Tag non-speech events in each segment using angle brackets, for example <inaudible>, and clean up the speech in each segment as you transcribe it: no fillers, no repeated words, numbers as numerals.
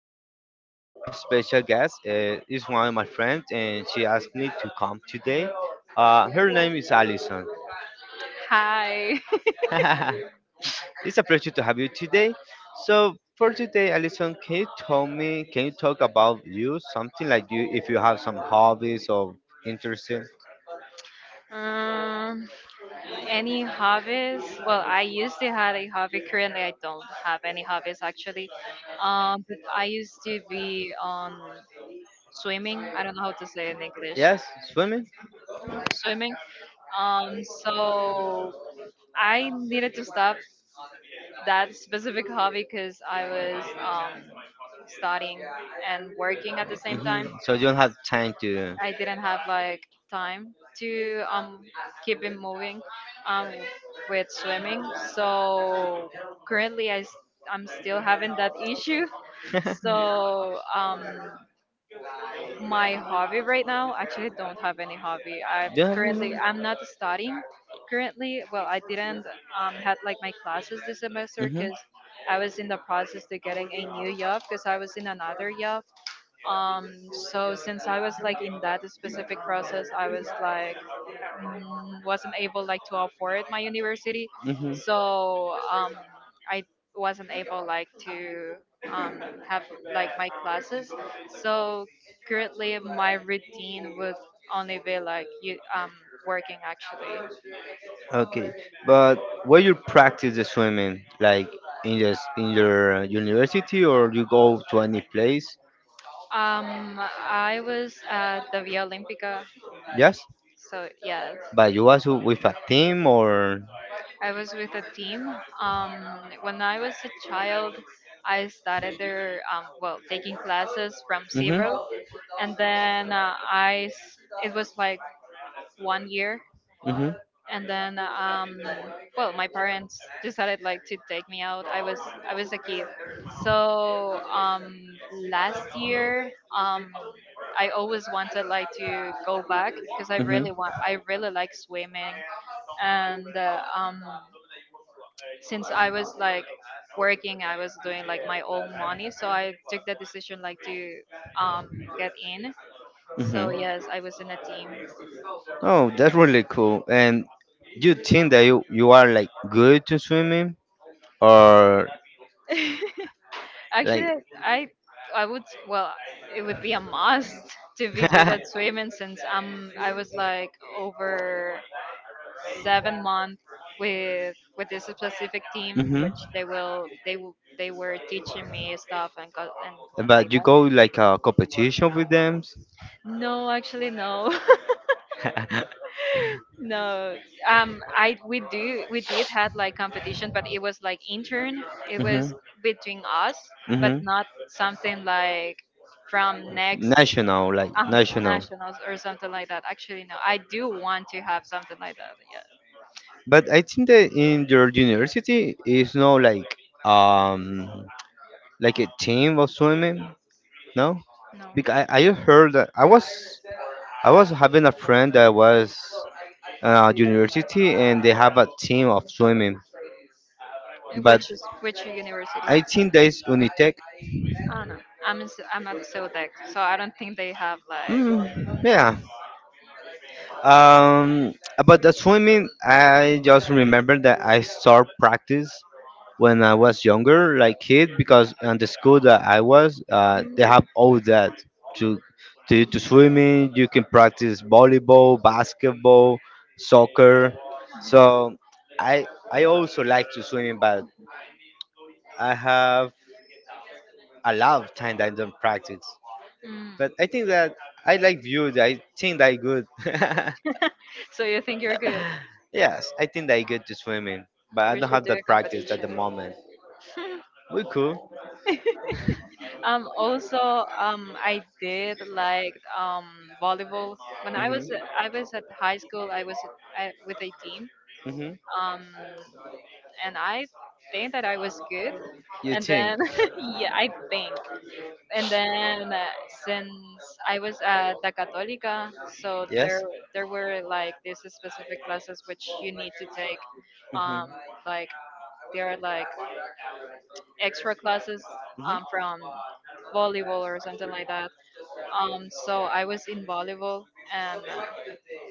Today we have a special guest. It's one of my friends, and she asked me to come today. Her name is Alison. Hi. <laughs> <laughs> It's a pleasure to have you today. So for today, Alison, can you tell me? Can you talk about you something like you if you have some hobbies or interests? Um, any hobbies? Well, I used to have a hobby. Currently, I don't have any hobbies actually. But I used to be on swimming. I don't know how to say it in English. Yes, swimming. Swimming. So I needed to stop that specific hobby because I was studying and working at the same time. So you don't have time to. I didn't have like time to keep it moving um with swimming. So currently I'm still having that issue. So <laughs> my hobby right now, actually don't have any hobby. I Do you currently have. I'm not studying currently. Well, I didn't had like my classes this semester Mm-hmm. because I was in the process to getting a new job because I was in another job, so since I was like in that specific process, I was like, mm, wasn't able like to afford my university. hmm hmm So I wasn't able like to have like my classes. So currently my routine would only be like you working actually. Okay. But where you practice the swimming, like in your in your university, or you go to any place? um I was at the Via Olympica, Yes, so yes, but you was with a team or. I was with a team. Um, when I was a child, I started there, well, taking classes from Mhm. zero, and then it was like 1 year, Mhm. and then well, my parents decided like to take me out. I was a kid, so last year, um, I always wanted like to go back because Mhm. I really like swimming, and since I was like working, I was doing like my own money, so I took the decision like to um get in. So Mhm. yes, I was in a team. Oh, that's really cool. And do you think that you are like good to swimming or like? Actually, I I would, well, it would be a must <laughs> to be good at swimming, <laughs> since I was like over 7 months with this specific team, hmm which they will they w- they were teaching me stuff and But you go like a competition with them. <laughs> no, actually no. <laughs> No, I we do we did had like competition, but it was like intern. It hmm was between us, but hmm not something like from next National, like national. nationals or something like that. Actually, no, I do want to have something like that. Yeah, But I think that in your university is no like um like a team of swimming, no? no. Because I heard that I was having a friend that was university and they have a team of swimming, but Which university? I think that is Unitec. I don't know. I'm at SODEC, so I don't think they have like. Mm, yeah. About the swimming, I just remember that I start practice when I was younger, like kid, because on the school that I was, they Mm, have all that to to swimming. You can practice volleyball, basketball, soccer. So I also like to swimming, but I have a lot of time that I don't practice. mm. But I think that I like view. That I think that I good. <laughs> So you think you're good? Yes, I think that I good to swimming. But I We don't should have do that a practice at the competition. moment. We cool. Also, I did like volleyball. When hmm I was at high school, I, with a team, hmm um, and I think that I was good. You And think? then, <laughs> <laughs> yeah, I think. And then, since I was at the Católica, so Yes. there were like these specific classes which you need to take, hmm um, like they are like extra classes, hmm from volleyball or something like that. So I was in volleyball, and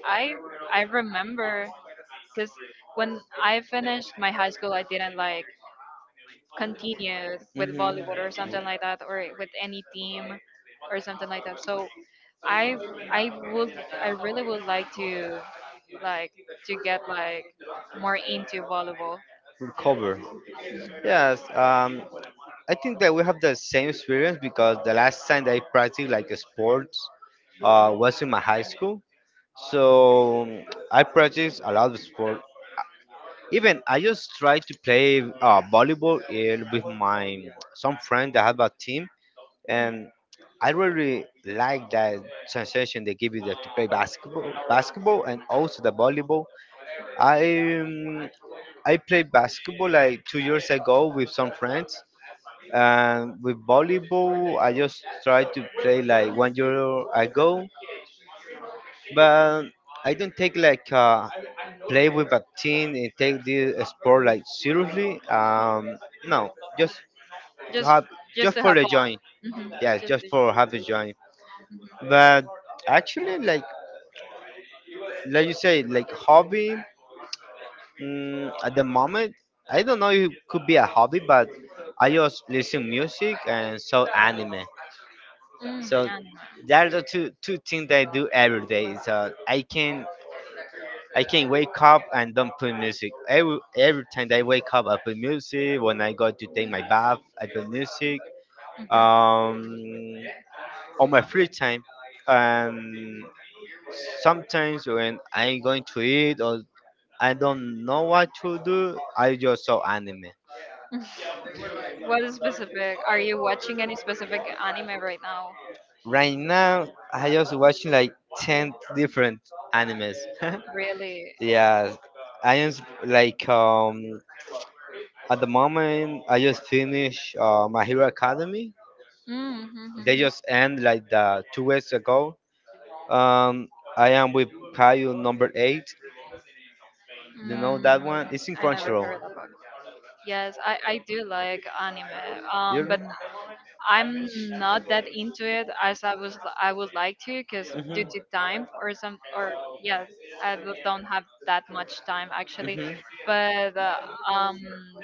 I I remember, because when I finished my high school, I didn't like continue with volleyball or hmm something like that, or with any team or something like that. So I I would, I really would like to, like to get like more into volleyball, Recover. Yes, I think that we have the same experience because the last time that I practiced like sports was in my high school. So I practice a lot of sport. Even I just try to play volleyball with my some friend that have a team, and I really like that sensation they give you that to play basketball, basketball, and also the volleyball I um, I played basketball like 2 years ago with some friends, and with volleyball I just tried to play like one year ago, but I don't take like play with a team and take this sport like seriously. No, just to just have just just to for have the fun. joy. Mhm. Yes, Just just for have the joy. mm, I But actually, like you say, like hobby. Mm, at the moment, I don't know if it could be a hobby, but I just listen music and saw anime. So there are the two things that I do every day. So I can wake up and don't play music. Every time that I wake up, I play music. When I go to take my bath, I play music. Um, on my free time, and mhm. sometimes when I'm going to eat or I don't know what to do, I just saw anime. What is specific? Are you watching any specific anime right now? Right now, I just watching like ten different animes. <laughs> Really? Yeah, like at the moment I just finished My Hero Academy. They Mm-hmm. just end like the 2 weeks ago. Um, I am with Caillou number eight. You know Mm, that one? It's in I never Crunchyroll. heard about it. Yes, I do like anime, You? But I'm not that into it as I would like to because due Mhm. to time or some, or yeah, don't have that much time actually, Mhm. but um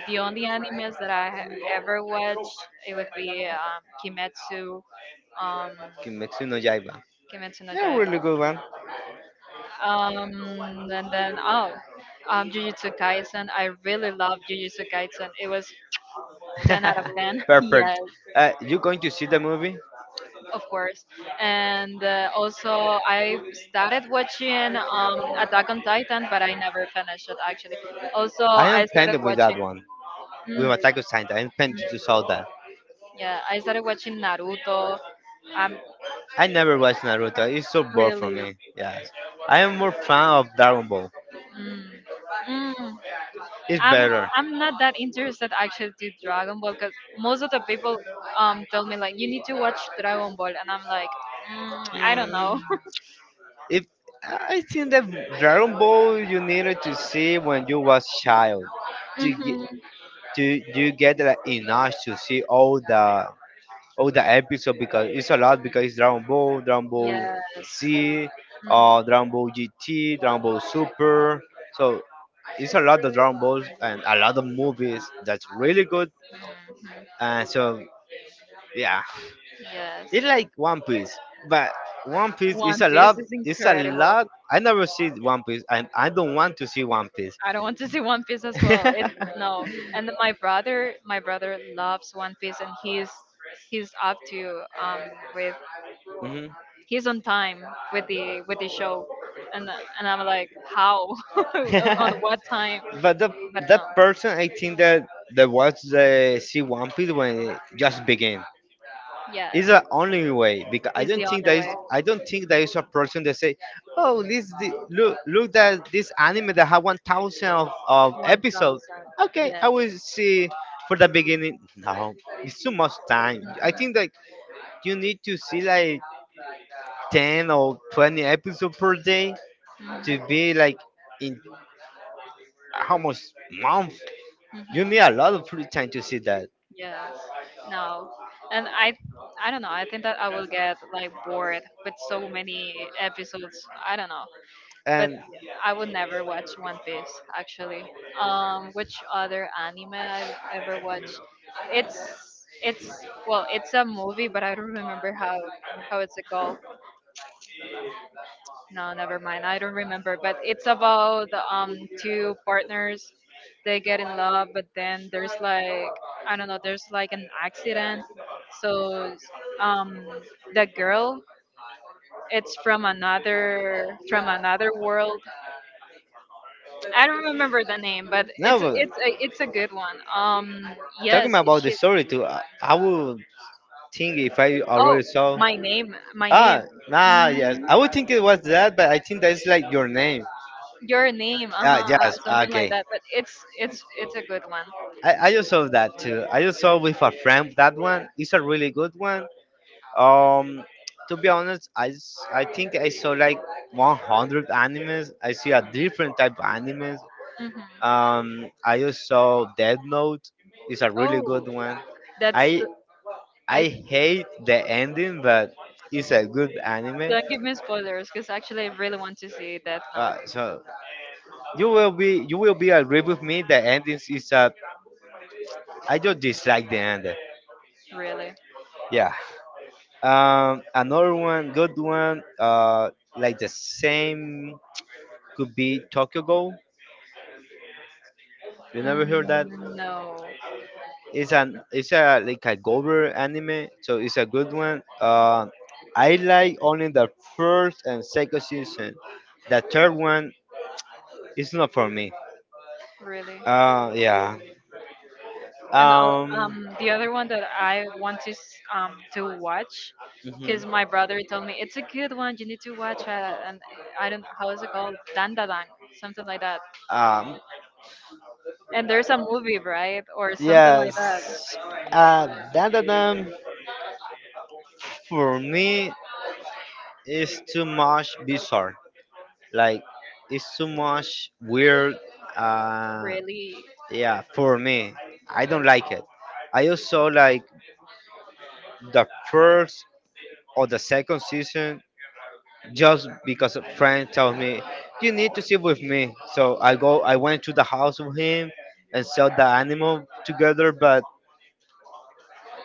the only animes that ever watched it would be Kimetsu, um Kimetsu no Yaiba. Kimetsu no Yeah, Yaiba, really good one. um and then Jujutsu Kaisen. I really love Jujutsu Kaisen. It was 10 out of 10. <laughs> <laughs> Perfect. Yes, You going to see the movie? of course. And also, I started watching Attack on Titan, but I never finished it actually. Also, I am I started planning with that watching, one. mm, With mm, Attack of Titan, I am planning to saw that. yeah, I started watching Naruto. I'm I never watched Naruto. It's so bored for Really, me. Yes, I am more fan of Dragon Ball. mm, mm, It's I'm better. I'm not that interested actually to Dragon Ball, because most of the people tell me like you need to watch Dragon Ball, and I'm like, mm, I don't Mm, know. if I think that Dragon Ball you needed to see when you was child <laughs> to get hmm to you get like enough to see all the Oh, the episode because it's a lot because it's Dragon Ball, Dragon Ball Yes. Z, Mhm. Dragon Ball GT, Dragon Ball Super. So it's a lot of Dragon Balls and a lot of movies that's really good. And so yeah, Yes. it's like One Piece, but One Piece is One a Piece lot. is It's a incredible. lot. I never see One Piece, and I don't want to see One Piece. I don't want to see One Piece as well. It's <laughs> no. And my brother loves One Piece, and he's up to with Mhm. he's on time with the show, and I'm like how, <laughs> on what time? <laughs> But the But that no, person I think that that was the see One Piece when it just began. yes, It's the only way because I is the don't think only that is way. I don't think there is a person that say, oh this the, look look that this anime that have 1,000 of One episodes. thousand, Okay, I yes. will see for the beginning. No, it's too much time. Mhm. I think that you need to see like 10 or 20 episodes per day to Mhm. be like in how much month You need Mhm. a lot of free time to see that. Yes. No. And I don't know. I think that I will get like bored with so many episodes. I don't know. But And I would never watch One Piece actually. Which other anime I've ever watched? It's well, it's a movie, but I don't remember how it's called. No, never mind. I don't remember. But it's about two partners. They get in love, but then there's like, I don't know. There's like an accident, so um the girl, it's from another, from another world. I don't remember the name, but now, it's a good one. Talking Yes, it about the should. story too, I would think if I Oh, already saw. My name, Ah, nah, yes. mm, I would think it was that, but I think that's like your name. your name, uh Ah, huh, yes. something like Okay. that. But it's a good one. I just saw that too. I just saw with a friend that one. It's a really good one. Um, to be honest, I think I saw like 100 animes. I see a different type of animes. Hmm I also Dead Note is a really Oh, good one. that's I the, I I hate the ending, but it's a good anime. don't give me spoilers, because actually I really want to see Death Note. So you will be agree with me. The ending is a I just dislike the ending. Really. Yeah. Another one, good one. Like the same could be Tokyo Go. You never heard that? Mm, no, It's an it's a like a Gover anime, so it's a good one. I like only the first and second season. The third one is not for me. really. Yeah. And Um. The other one that I want to to watch, because Mhm. my brother told me it's a good one. You need to watch it, and I don't know how is it called, Dandadang, something like that. Um. And there's a movie, right, or something like that. Yes. Uh, that that for me is too much bizarre. Like it's too much weird. Uh, Really, yeah, for me, I don't like it. I also like the first or the second season just because a friend tells me you need to sit with me so I go I went to the house of him and saw the animal together but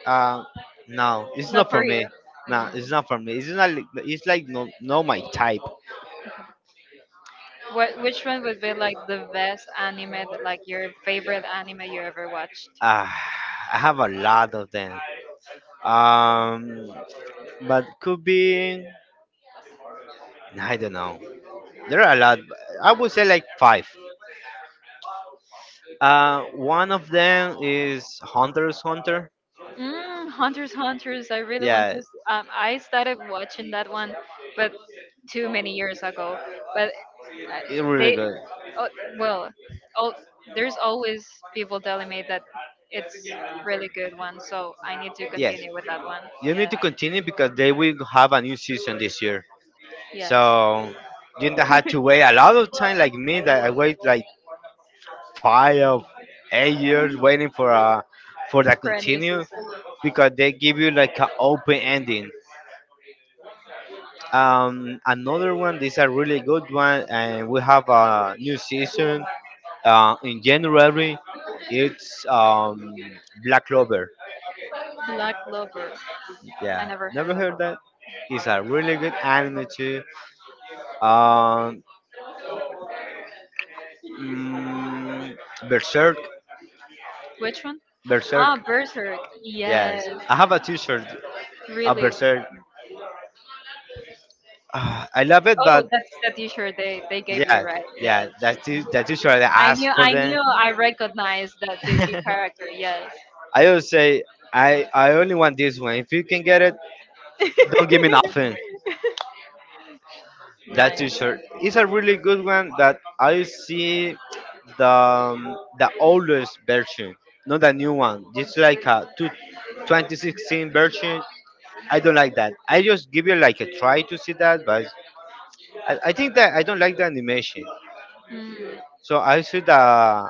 uh, no it's not not for for you. me no Mm. it's not for me it's not like it's like no no my type What? Which one would be like the best anime, that, like your favorite anime you ever watched? uh, I have a lot of them um but could be I don't know there are a lot I would say like five one of them is hunter's hunter Mm, Hunters, Hunters. I really want Yeah, to. I started watching that one, but too many years ago. But it's really they, good. oh, well, oh, there's always people telling me that it's really good one, so I need to Yes, continue with that one. you need Yeah, to continue because they will have a new season this year. yes. So you don't have to wait a lot of time like me that I wait like 5 or 8 years waiting for that For a new season, continue because they give you like an open ending. Another one, this is a really good one, and we have a new season in January. It's Black Clover. Black Clover. I Yeah, never heard never heard about. that. It's a really good anime too. Um, mm, Berserk, Which one? Ah, Berserk. Berserk. Yes, Yes, I have a T-shirt of really. Berserk. <sighs> Ah, I love it, Oh, but that's the T-shirt they gave you, yeah, right? Yes. yeah, that T-shirt I asked for I them. knew, I recognized that Disney <laughs> character. Yes. I always say I only want this one. If you can get it, don't give me nothing. That Nice. T-shirt is a really good one that I see the oldest version, not the new one. It's like a two 2016 version. I don't like that. I just give you like a try to see that, but I think that I don't like the animation. Hmm. So I see the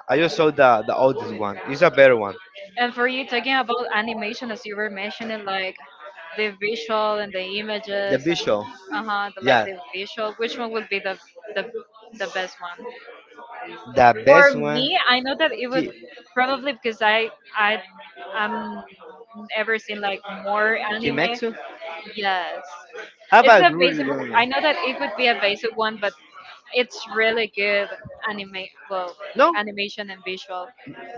I just saw the oldest one. It's a better one. And for you talking about animation, as you were mentioning, like the visual and the The images, and visual, uh huh, the, like yeah, the visual. Which one would be the the best one? the For best one. me, I know that it would, Ki, probably because I um ever seen like more anime. Kimetsu. Yes, Have it's a a really basic. good one. I know that it would be a basic one, but it's really good anime. Well, No, animation and visual.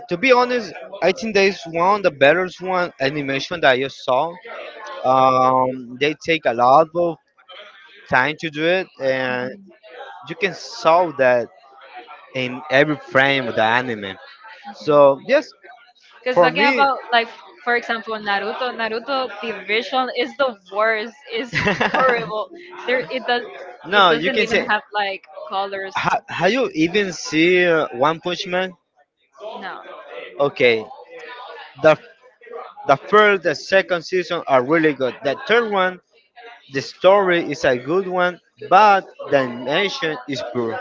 to be honest, I think there's one of the better one animation that I just saw. They take a lot of time to do it, and you can solve that in every frame of the anime. So yes, Because For talking me, about like, for example, Naruto. Naruto, the visual is the worst. Is <laughs> horrible. There, it does. It no, you doesn't can even say. have like colors. Ha, have you even see One Punch Man? No, Okay, the the first, the second season are really good. The third one, the story is a good one, but the animation is poor.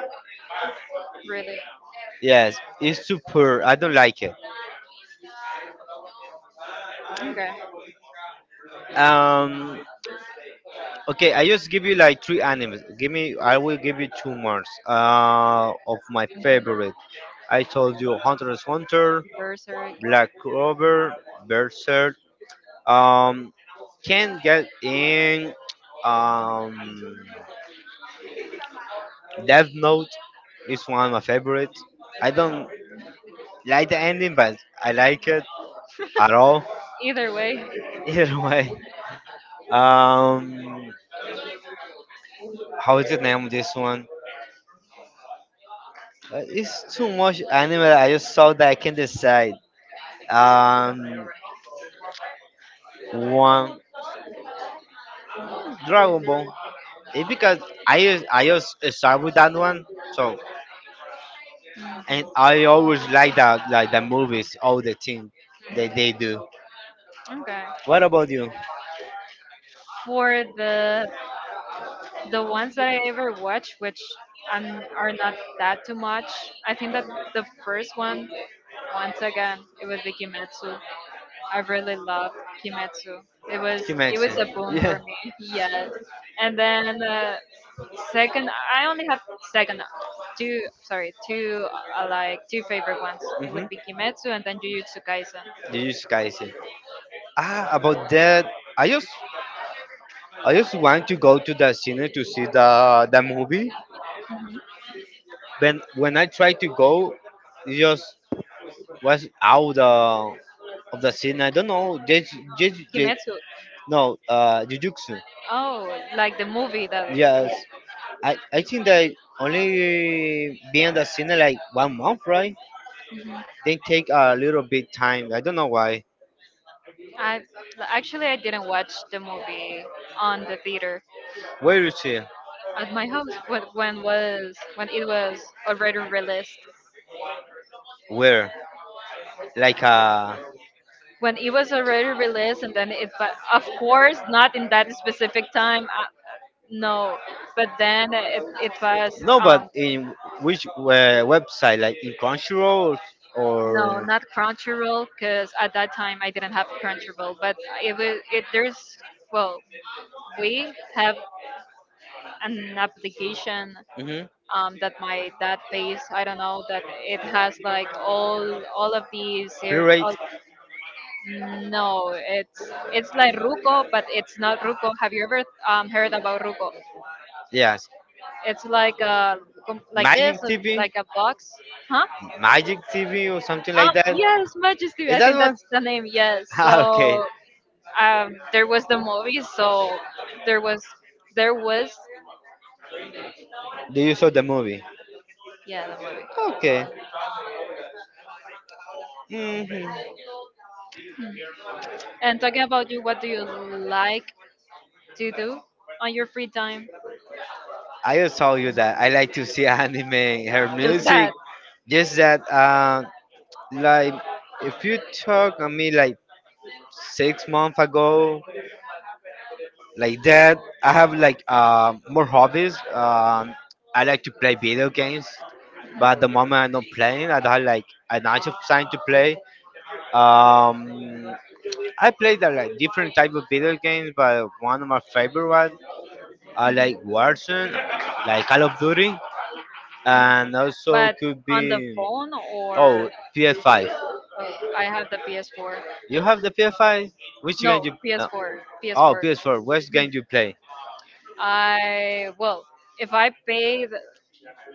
really. Yes, it's too poor. I don't like it. Okay. Um, Okay, I just give you like three animes. Give me, I will give you 2 months of my favorite. I told you Hunter x Hunter, Berserk. Black Clover, Berserk. Um, can get in. Um, Death Note is one of my favorites. I don't like the ending, but I like it at all. Either way. <laughs> Either way, um, how is the name of this one? It's too much anime. I just saw that I can decide. um one Dragon Ball. It's because I just start with that one. So and I always like that like the movies, all the things that they do. Okay. What about you? For the ones that I ever watched, which are not that too much, I think that the first one, once again, it was the Kimetsu. I really loved Kimetsu. It was You it was a mentioned. boon for <laughs> Yeah. me. Yes. And then second, I only have second two. Sorry, two like two favorite ones. It Mm-hmm. would be Kimetsu and then Jujutsu Kaisen. Jujutsu Kaisen. Ah, about that, I just I just want to go to the cinema to see the movie, Mhm. when I tried to go, it just was out of the scene. I don't know. Jeju, Jeju, Je- Kimetsu. no, Jujutsu. Oh, like the movie that. Yeah. Yes, I think they only be in the scene like 1 month, right? They take a little bit time. I don't know why. I Actually I didn't watch the movie on the theater, Where is it? at my house when was when it was already released. Where? Like uh When it was already released, and then it, but of course not in that specific time, no, but then it was, no, um but in which website? Like in Crunchyroll no, or not Crunchyroll, because at that time I didn't have Crunchyroll, but it was it there's, well, we have an application hmm that my dad pays, I don't know, that it has like all Pirate, all, no, it's it's like Ruko, but it's not Ruko. Have you ever heard about Ruko? yes. It's like a like Magic this, TV, like a box, huh? Magic TV or something Ah, like that. yes, Majesty. Is I that think one? that's <laughs> the name. Yes. Ah, okay. So there was the movie. So there was there was Do you saw the movie? yeah the movie. Okay. Hmm. Hmm. And talking about you, what do you like to do on your free time? I just told you that I like to see <laughs> anime, her Just music. that, Just that, like, if you talk on me like 6 months ago, like that, I have like more hobbies. I like to play video games, but at the moment I'm not playing. I have like another time to play. Um, I play the like different type of video games, but one of my favorite ones are like Warzone, like Call of Duty. And also but could be on the phone or oh PS5. oh, I have the PS4. You have the PS5? Which game No, you? No. PS4, Oh, PS4. PS4. Which game you play? I Well, if I paid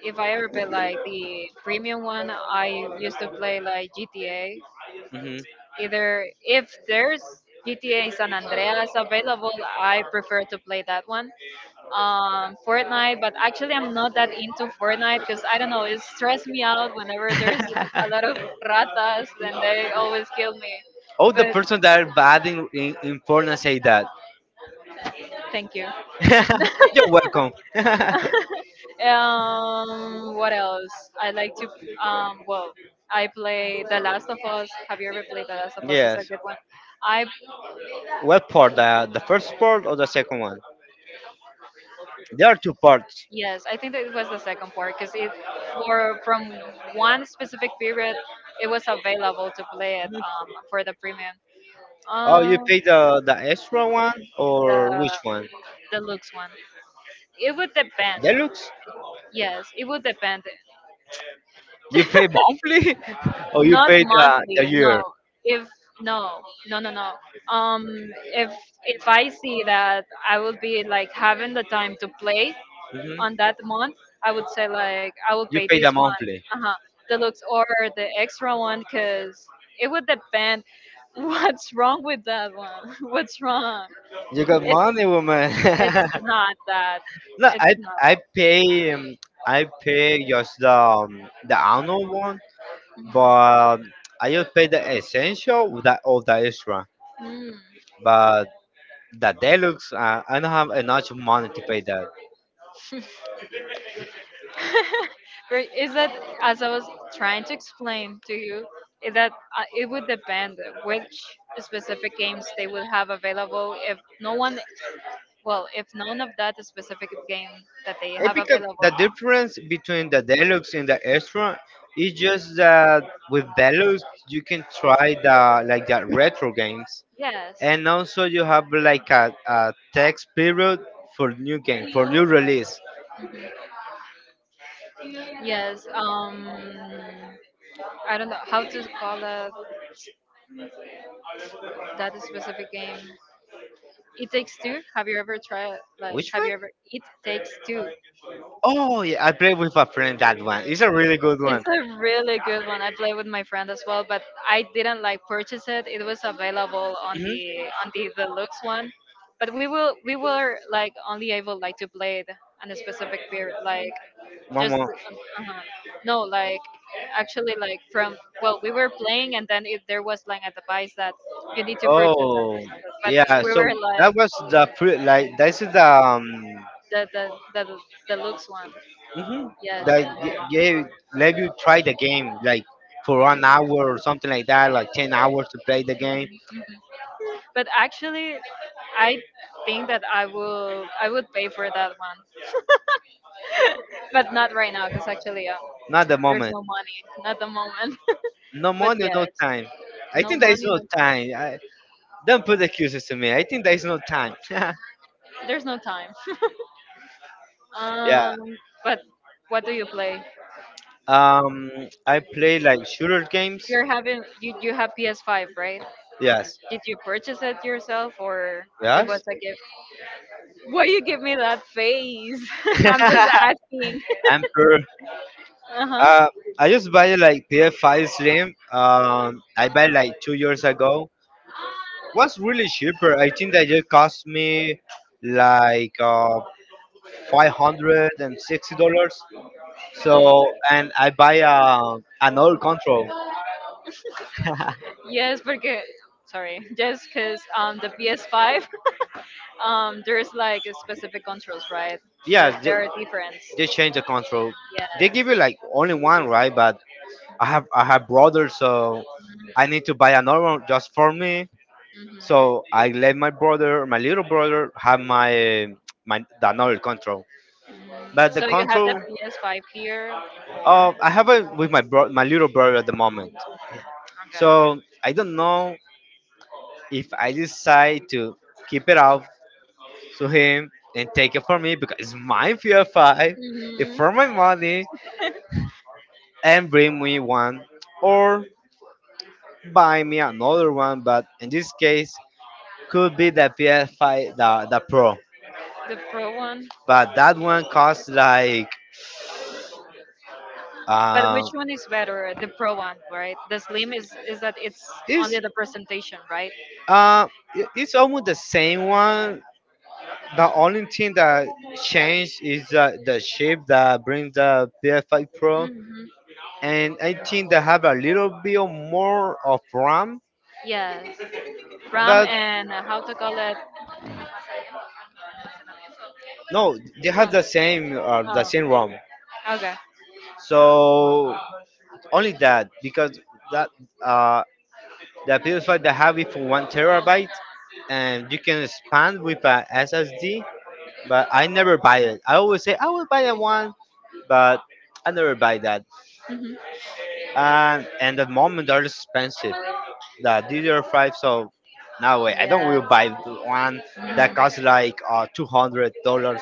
if I ever play like the premium one, I used to play like GTA. Hmm. <laughs> Either if there's GTA San Andreas available, I prefer to play that one. Fortnite, but actually I'm not that into Fortnite, because I don't know, it stressed me out whenever there's a lot of ratas and they always kill me. Oh, the But person that are bad in, porn say that. thank you. <laughs> You're welcome. <laughs> What else? I like to. Well, I play The Last of Us. Have you ever played The Last of Us? It's a Yes. good one. I What part? The first part or the second one? There are two parts. yes, I think that it was the second part because it for from one specific period it was available to play it for the premium. Oh, you Um, pay the extra one or the which one? the looks one. It would depend. Deluxe? Yes, it would depend. You pay monthly <laughs> or you Not pay the monthly, year? no. If no, no, no, no. Um, if if I see that I will be like having the time to play on Hmm. that month, I would say like I will You pay pay this the one, monthly. uh-huh, deluxe or the extra one, because it would depend <laughs> what's wrong with that one. <laughs> What's wrong? You got It's money, woman. it's not that. <laughs> No, It's not I that. pay um, I pay just the annual one, but I just pay the essential with the all the extra. Mm-hmm. But the deluxe, I don't have enough money to pay that. But is that, as I was trying to explain to you, is that it would depend which specific games they would have available. If no one, well, if none of that specific game that they I have think available, the difference between the deluxe and the extra is just that with deluxe you can try the like the retro games, yes, and also you have like a text period for new game for new release. yes. I don't know how to call it, that specific game. It takes two. Have you ever tried? Like, Which have one? you ever? It takes two. Oh yeah, I played with a friend that one. It's a really good It's one. a really good one. I played with my friend as well, but I didn't like purchase it. It was available on Hmm. the deluxe one, but we were like only able like to play it on a specific period, like One just more. uh no, like actually like from, well, we were playing and then if there was like a device that you need to purchase that Oh. or something, but Yeah, we so were like that was the pre- like this is the the deluxe one. hmm Yes. Gave let you try the game like for 1 hour or something like that, like 10 hours to play the game. Mm-hmm. But actually, I think that I would pay for that one, but not right now because actually Not the there's moment. no money, not the moment. <laughs> No But money, no yes, time. I no think there is money, no no time. time. I, don't put excuses to me. I think there is no time. <laughs> There's no time. <laughs> Yeah. Um, but what do you play? Um, I play like shooter games. You're having you you have PS5, right? Yes. Did you purchase it yourself or it Yes. was a gift? Why you give me that face? <laughs> I'm just <laughs> asking. I'm <laughs> Uh Uh, huh. I just buy like PS5 Slim. I buy like 2 years ago. Was really cheaper. I think that just cost me like $560. So and I buy another control. <laughs> Yes, because sorry, <laughs> just because the PS5. There's like a specific controls, right? There, Yeah, there are different. they change the control. They Yeah. give you like only one, right? But I have brothers, so I need to buy another one just for me. Hmm. So I let my brother, my little brother, have my the another control. But the So you have the control, PS5 here. I have it with my bro, my little brother at the moment. So I don't know if I decide to keep it out to him and take it from me because it's my fear five, it's Hmm. for my money, and bring me one or buy me another one. But in this case, could be the PS5, the Pro. The Pro one. But that one costs like But which Uh, one is better? The Pro one, right? The Slim is that it's it's only the presentation, right? uh, I- it's almost the same one. The only thing that changed is the shape that brings the PS5 Pro, Hmm. and I think they have a little bit of more of RAM. Yeah. RAM But and how to call it? no, they No. have the Oh. same ROM. Okay. So only that because that uh, the PS5 they have it for 1 TB, and you can expand with a SSD. But I never buy it. I always say I will buy a one, but I never buy that. Hmm. And at the moment they're expensive. The DDR5, so no way. I don't Yes. will buy the one that costs like $200.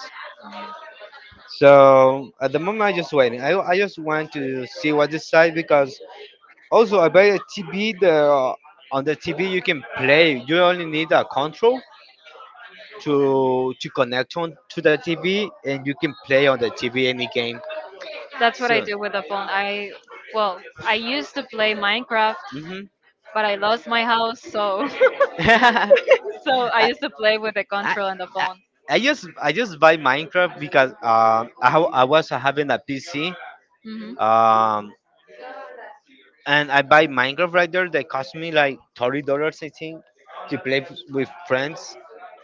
So at the moment I just waiting. I just want to see what this side because also I buy a TV. The On the TV you can play. You only need a control to connect on to the TV and you can play on the TV any game. That's what I So, do with the phone. I, well, I used to play Minecraft, mhm. but I lost my house, so <laughs> <laughs> so I I, used to play with the I, control and the I phone. I just buy Minecraft because I was having a PC Hmm. um and I buy Minecraft right there that cost me like $30 I think to play f- with friends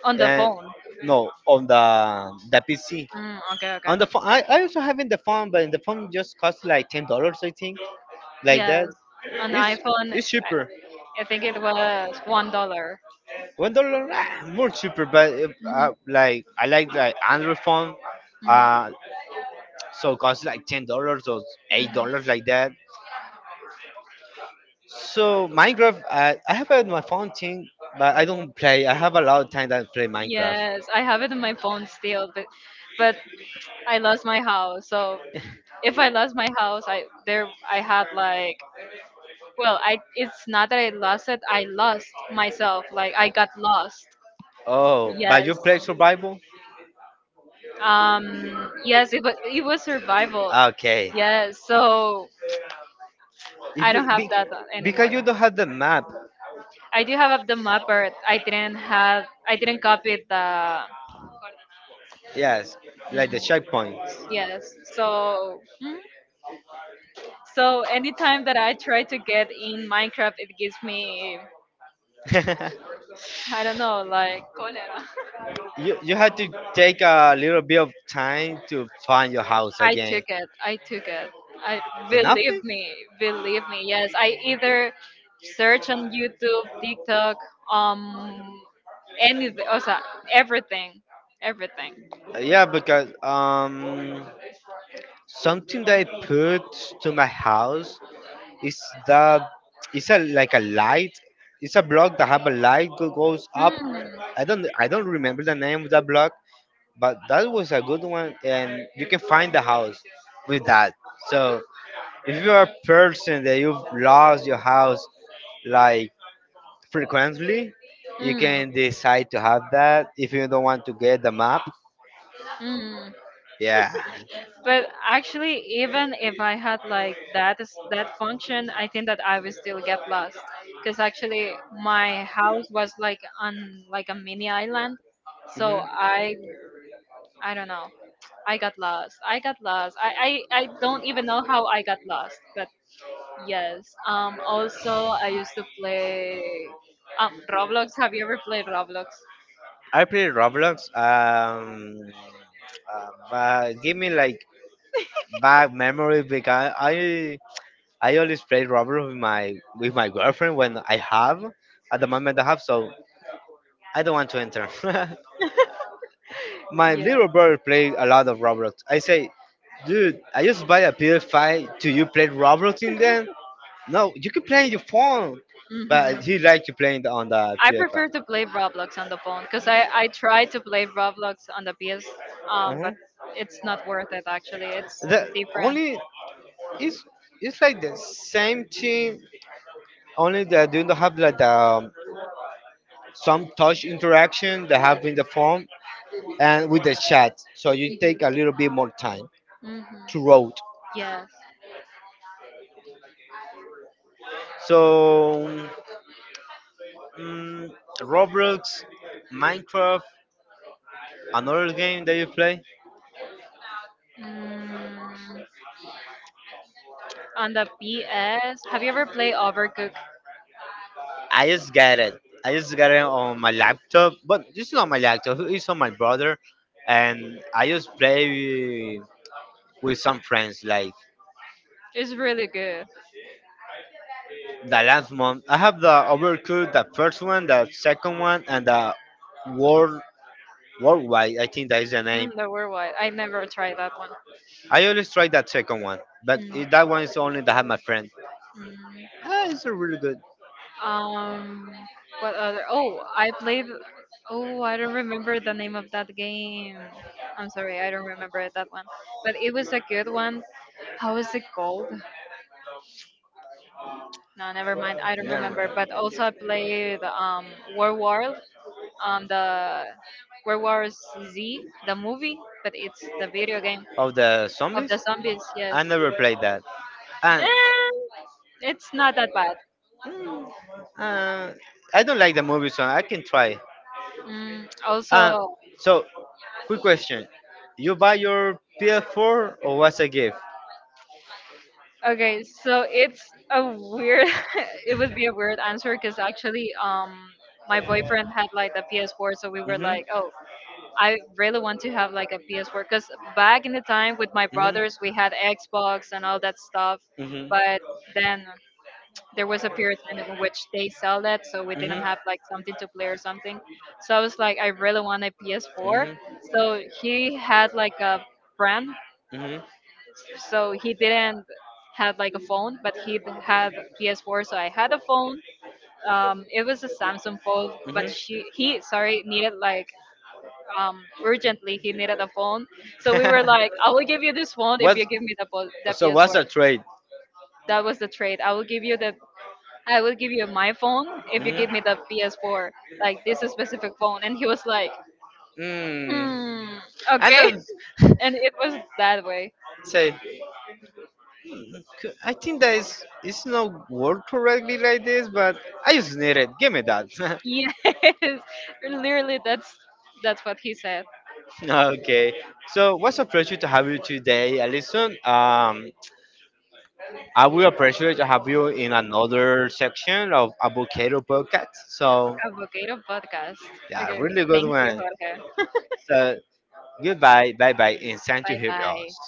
On the and phone. no on the PC. Mm, okay, okay. On the phone I also having the phone but the phone just cost like $10 I think like Yes, that. on It's iPhone. It's cheaper. I think it was $1. $1, ah, more cheaper. But if, Mm-hmm. Like I like Android phone, uh, Hmm. so it costs like $10 or $8 like that. So Minecraft, I have it on my phone thing, but I don't play. I have a lot of time that I play Minecraft. Yes, I have it in my phone still, but I lost my house. So <laughs> if I lost my house, I there I had like, well, I it's not that I lost it. I lost myself. Like I got lost. Oh, but you Yes. play survival? Yes. It was survival. Okay. Yes. So I don't have that Because you anymore. don't have the map. I do have the mapper. I didn't copy the. Yes, like Mm, the checkpoint. yes. So, mm. So anytime that I try to get in Minecraft, it gives me, <laughs> I don't know, like cholera. You had to take a little bit of time to find your house I took again. it. I took it. I Did believe nothing? Me. Believe me. Yes, I either search on YouTube, TikTok, um, anything, o sea, everything, everything. Yeah, because something they put to my house. It's the it's a like a light. It's a block that have a light goes up. Mm, I don't remember the name of that block, but that was a good one, and you can find the house with that. So if you are a person that you've lost your house like frequently, you mm, can decide to have that if you don't want to get the map. mm. Yeah. But actually, even if I had like that function, I think that I would still get lost because actually my house was like on like a mini island, so Hmm. I don't know. I got lost. I got lost. I don't even know how I got lost. But yes. Also, I used to play Roblox. Have you ever played Roblox? I play Roblox. But give me like bad memories because I always play rubber with my girlfriend when I have at the moment I have so I don't want to enter. <laughs> My Yeah. little brother played a lot of Roblox. I say, dude, I just buy a PS5. Do you play Roblox in them. No, you can play on your phone, Hmm. but he like to play it on the I prefer PS5. to play Roblox on the phone because I tried to play Roblox on the PS, but Mhm. it's not worth it actually. It's The different. only it's it's like the same thing. Only that you don't have like the some touch interaction that have in the form and with the chat. So you take a little bit more time to Hmm. road. Yes. So mm, Roblox, Minecraft, another game that you play. Mm, on the PS, have you ever played Overcooked? I just got it. I just got it on my laptop, but it's not my laptop. It's on my brother, and I just play with some friends. Like It's really good. the last month, I have the Overcooked, the first one, the second one, and the World Worldwide. I think that is the Mm, name. the worldwide. I never tried that one. I always try that second one, but Mm. it, that one is the only that have my friend. Ah, it's a really good. Mm. What other? Oh, I played. Oh, I don't remember the name of that game. I'm sorry, I don't remember that one. But it was a good one. How is it called? No, never mind. I don't Never remember. mind. But also, I played World War, on the World War Z, the movie, but it's the video game Of the of zombies, the zombies. Yes, I never played that, and eh, it's not that bad. mm, uh, I don't like the movie, so I can try. Mm, Uh, also, so quick question: You buy your PS4 or what's a gift? okay, so it's a weird. <laughs> It would be a weird answer because actually, my boyfriend had like the PS4, so we were Mm-hmm. like, oh, I really want to have like a PS4 because back in the time with my brothers, we had Xbox and all that stuff. But then there was a period in which they sell that, so we didn't have like something to play or something. So I was like, I really want a PS4. So he had like a friend, <laughs> so he didn't have like a phone, but he had PS4. So I had a phone. It was a Samsung phone, but she he sorry needed like urgently he needed a phone, so we were like, I will give you this phone What? if you give me the So what's a PS4. trade? That was the trade. I will give you the, I will give you my phone if you give me the PS4, like this specific phone, and he was like Mm. hmm, I okay. don't <laughs> And it was that way. say. C- I think that is it's not word correctly like this, but I just need it. Give me that. <laughs> Yes. <laughs> Literally, that's what he said. Okay. So what's a pleasure to have you today, Alison? I will appreciate to have you in another section of Avocado Podcast. So Avocado podcast. yeah, Okay, really good thank you, one. Jorge. So goodbye, bye bye, and thank to Bye hear bye. us.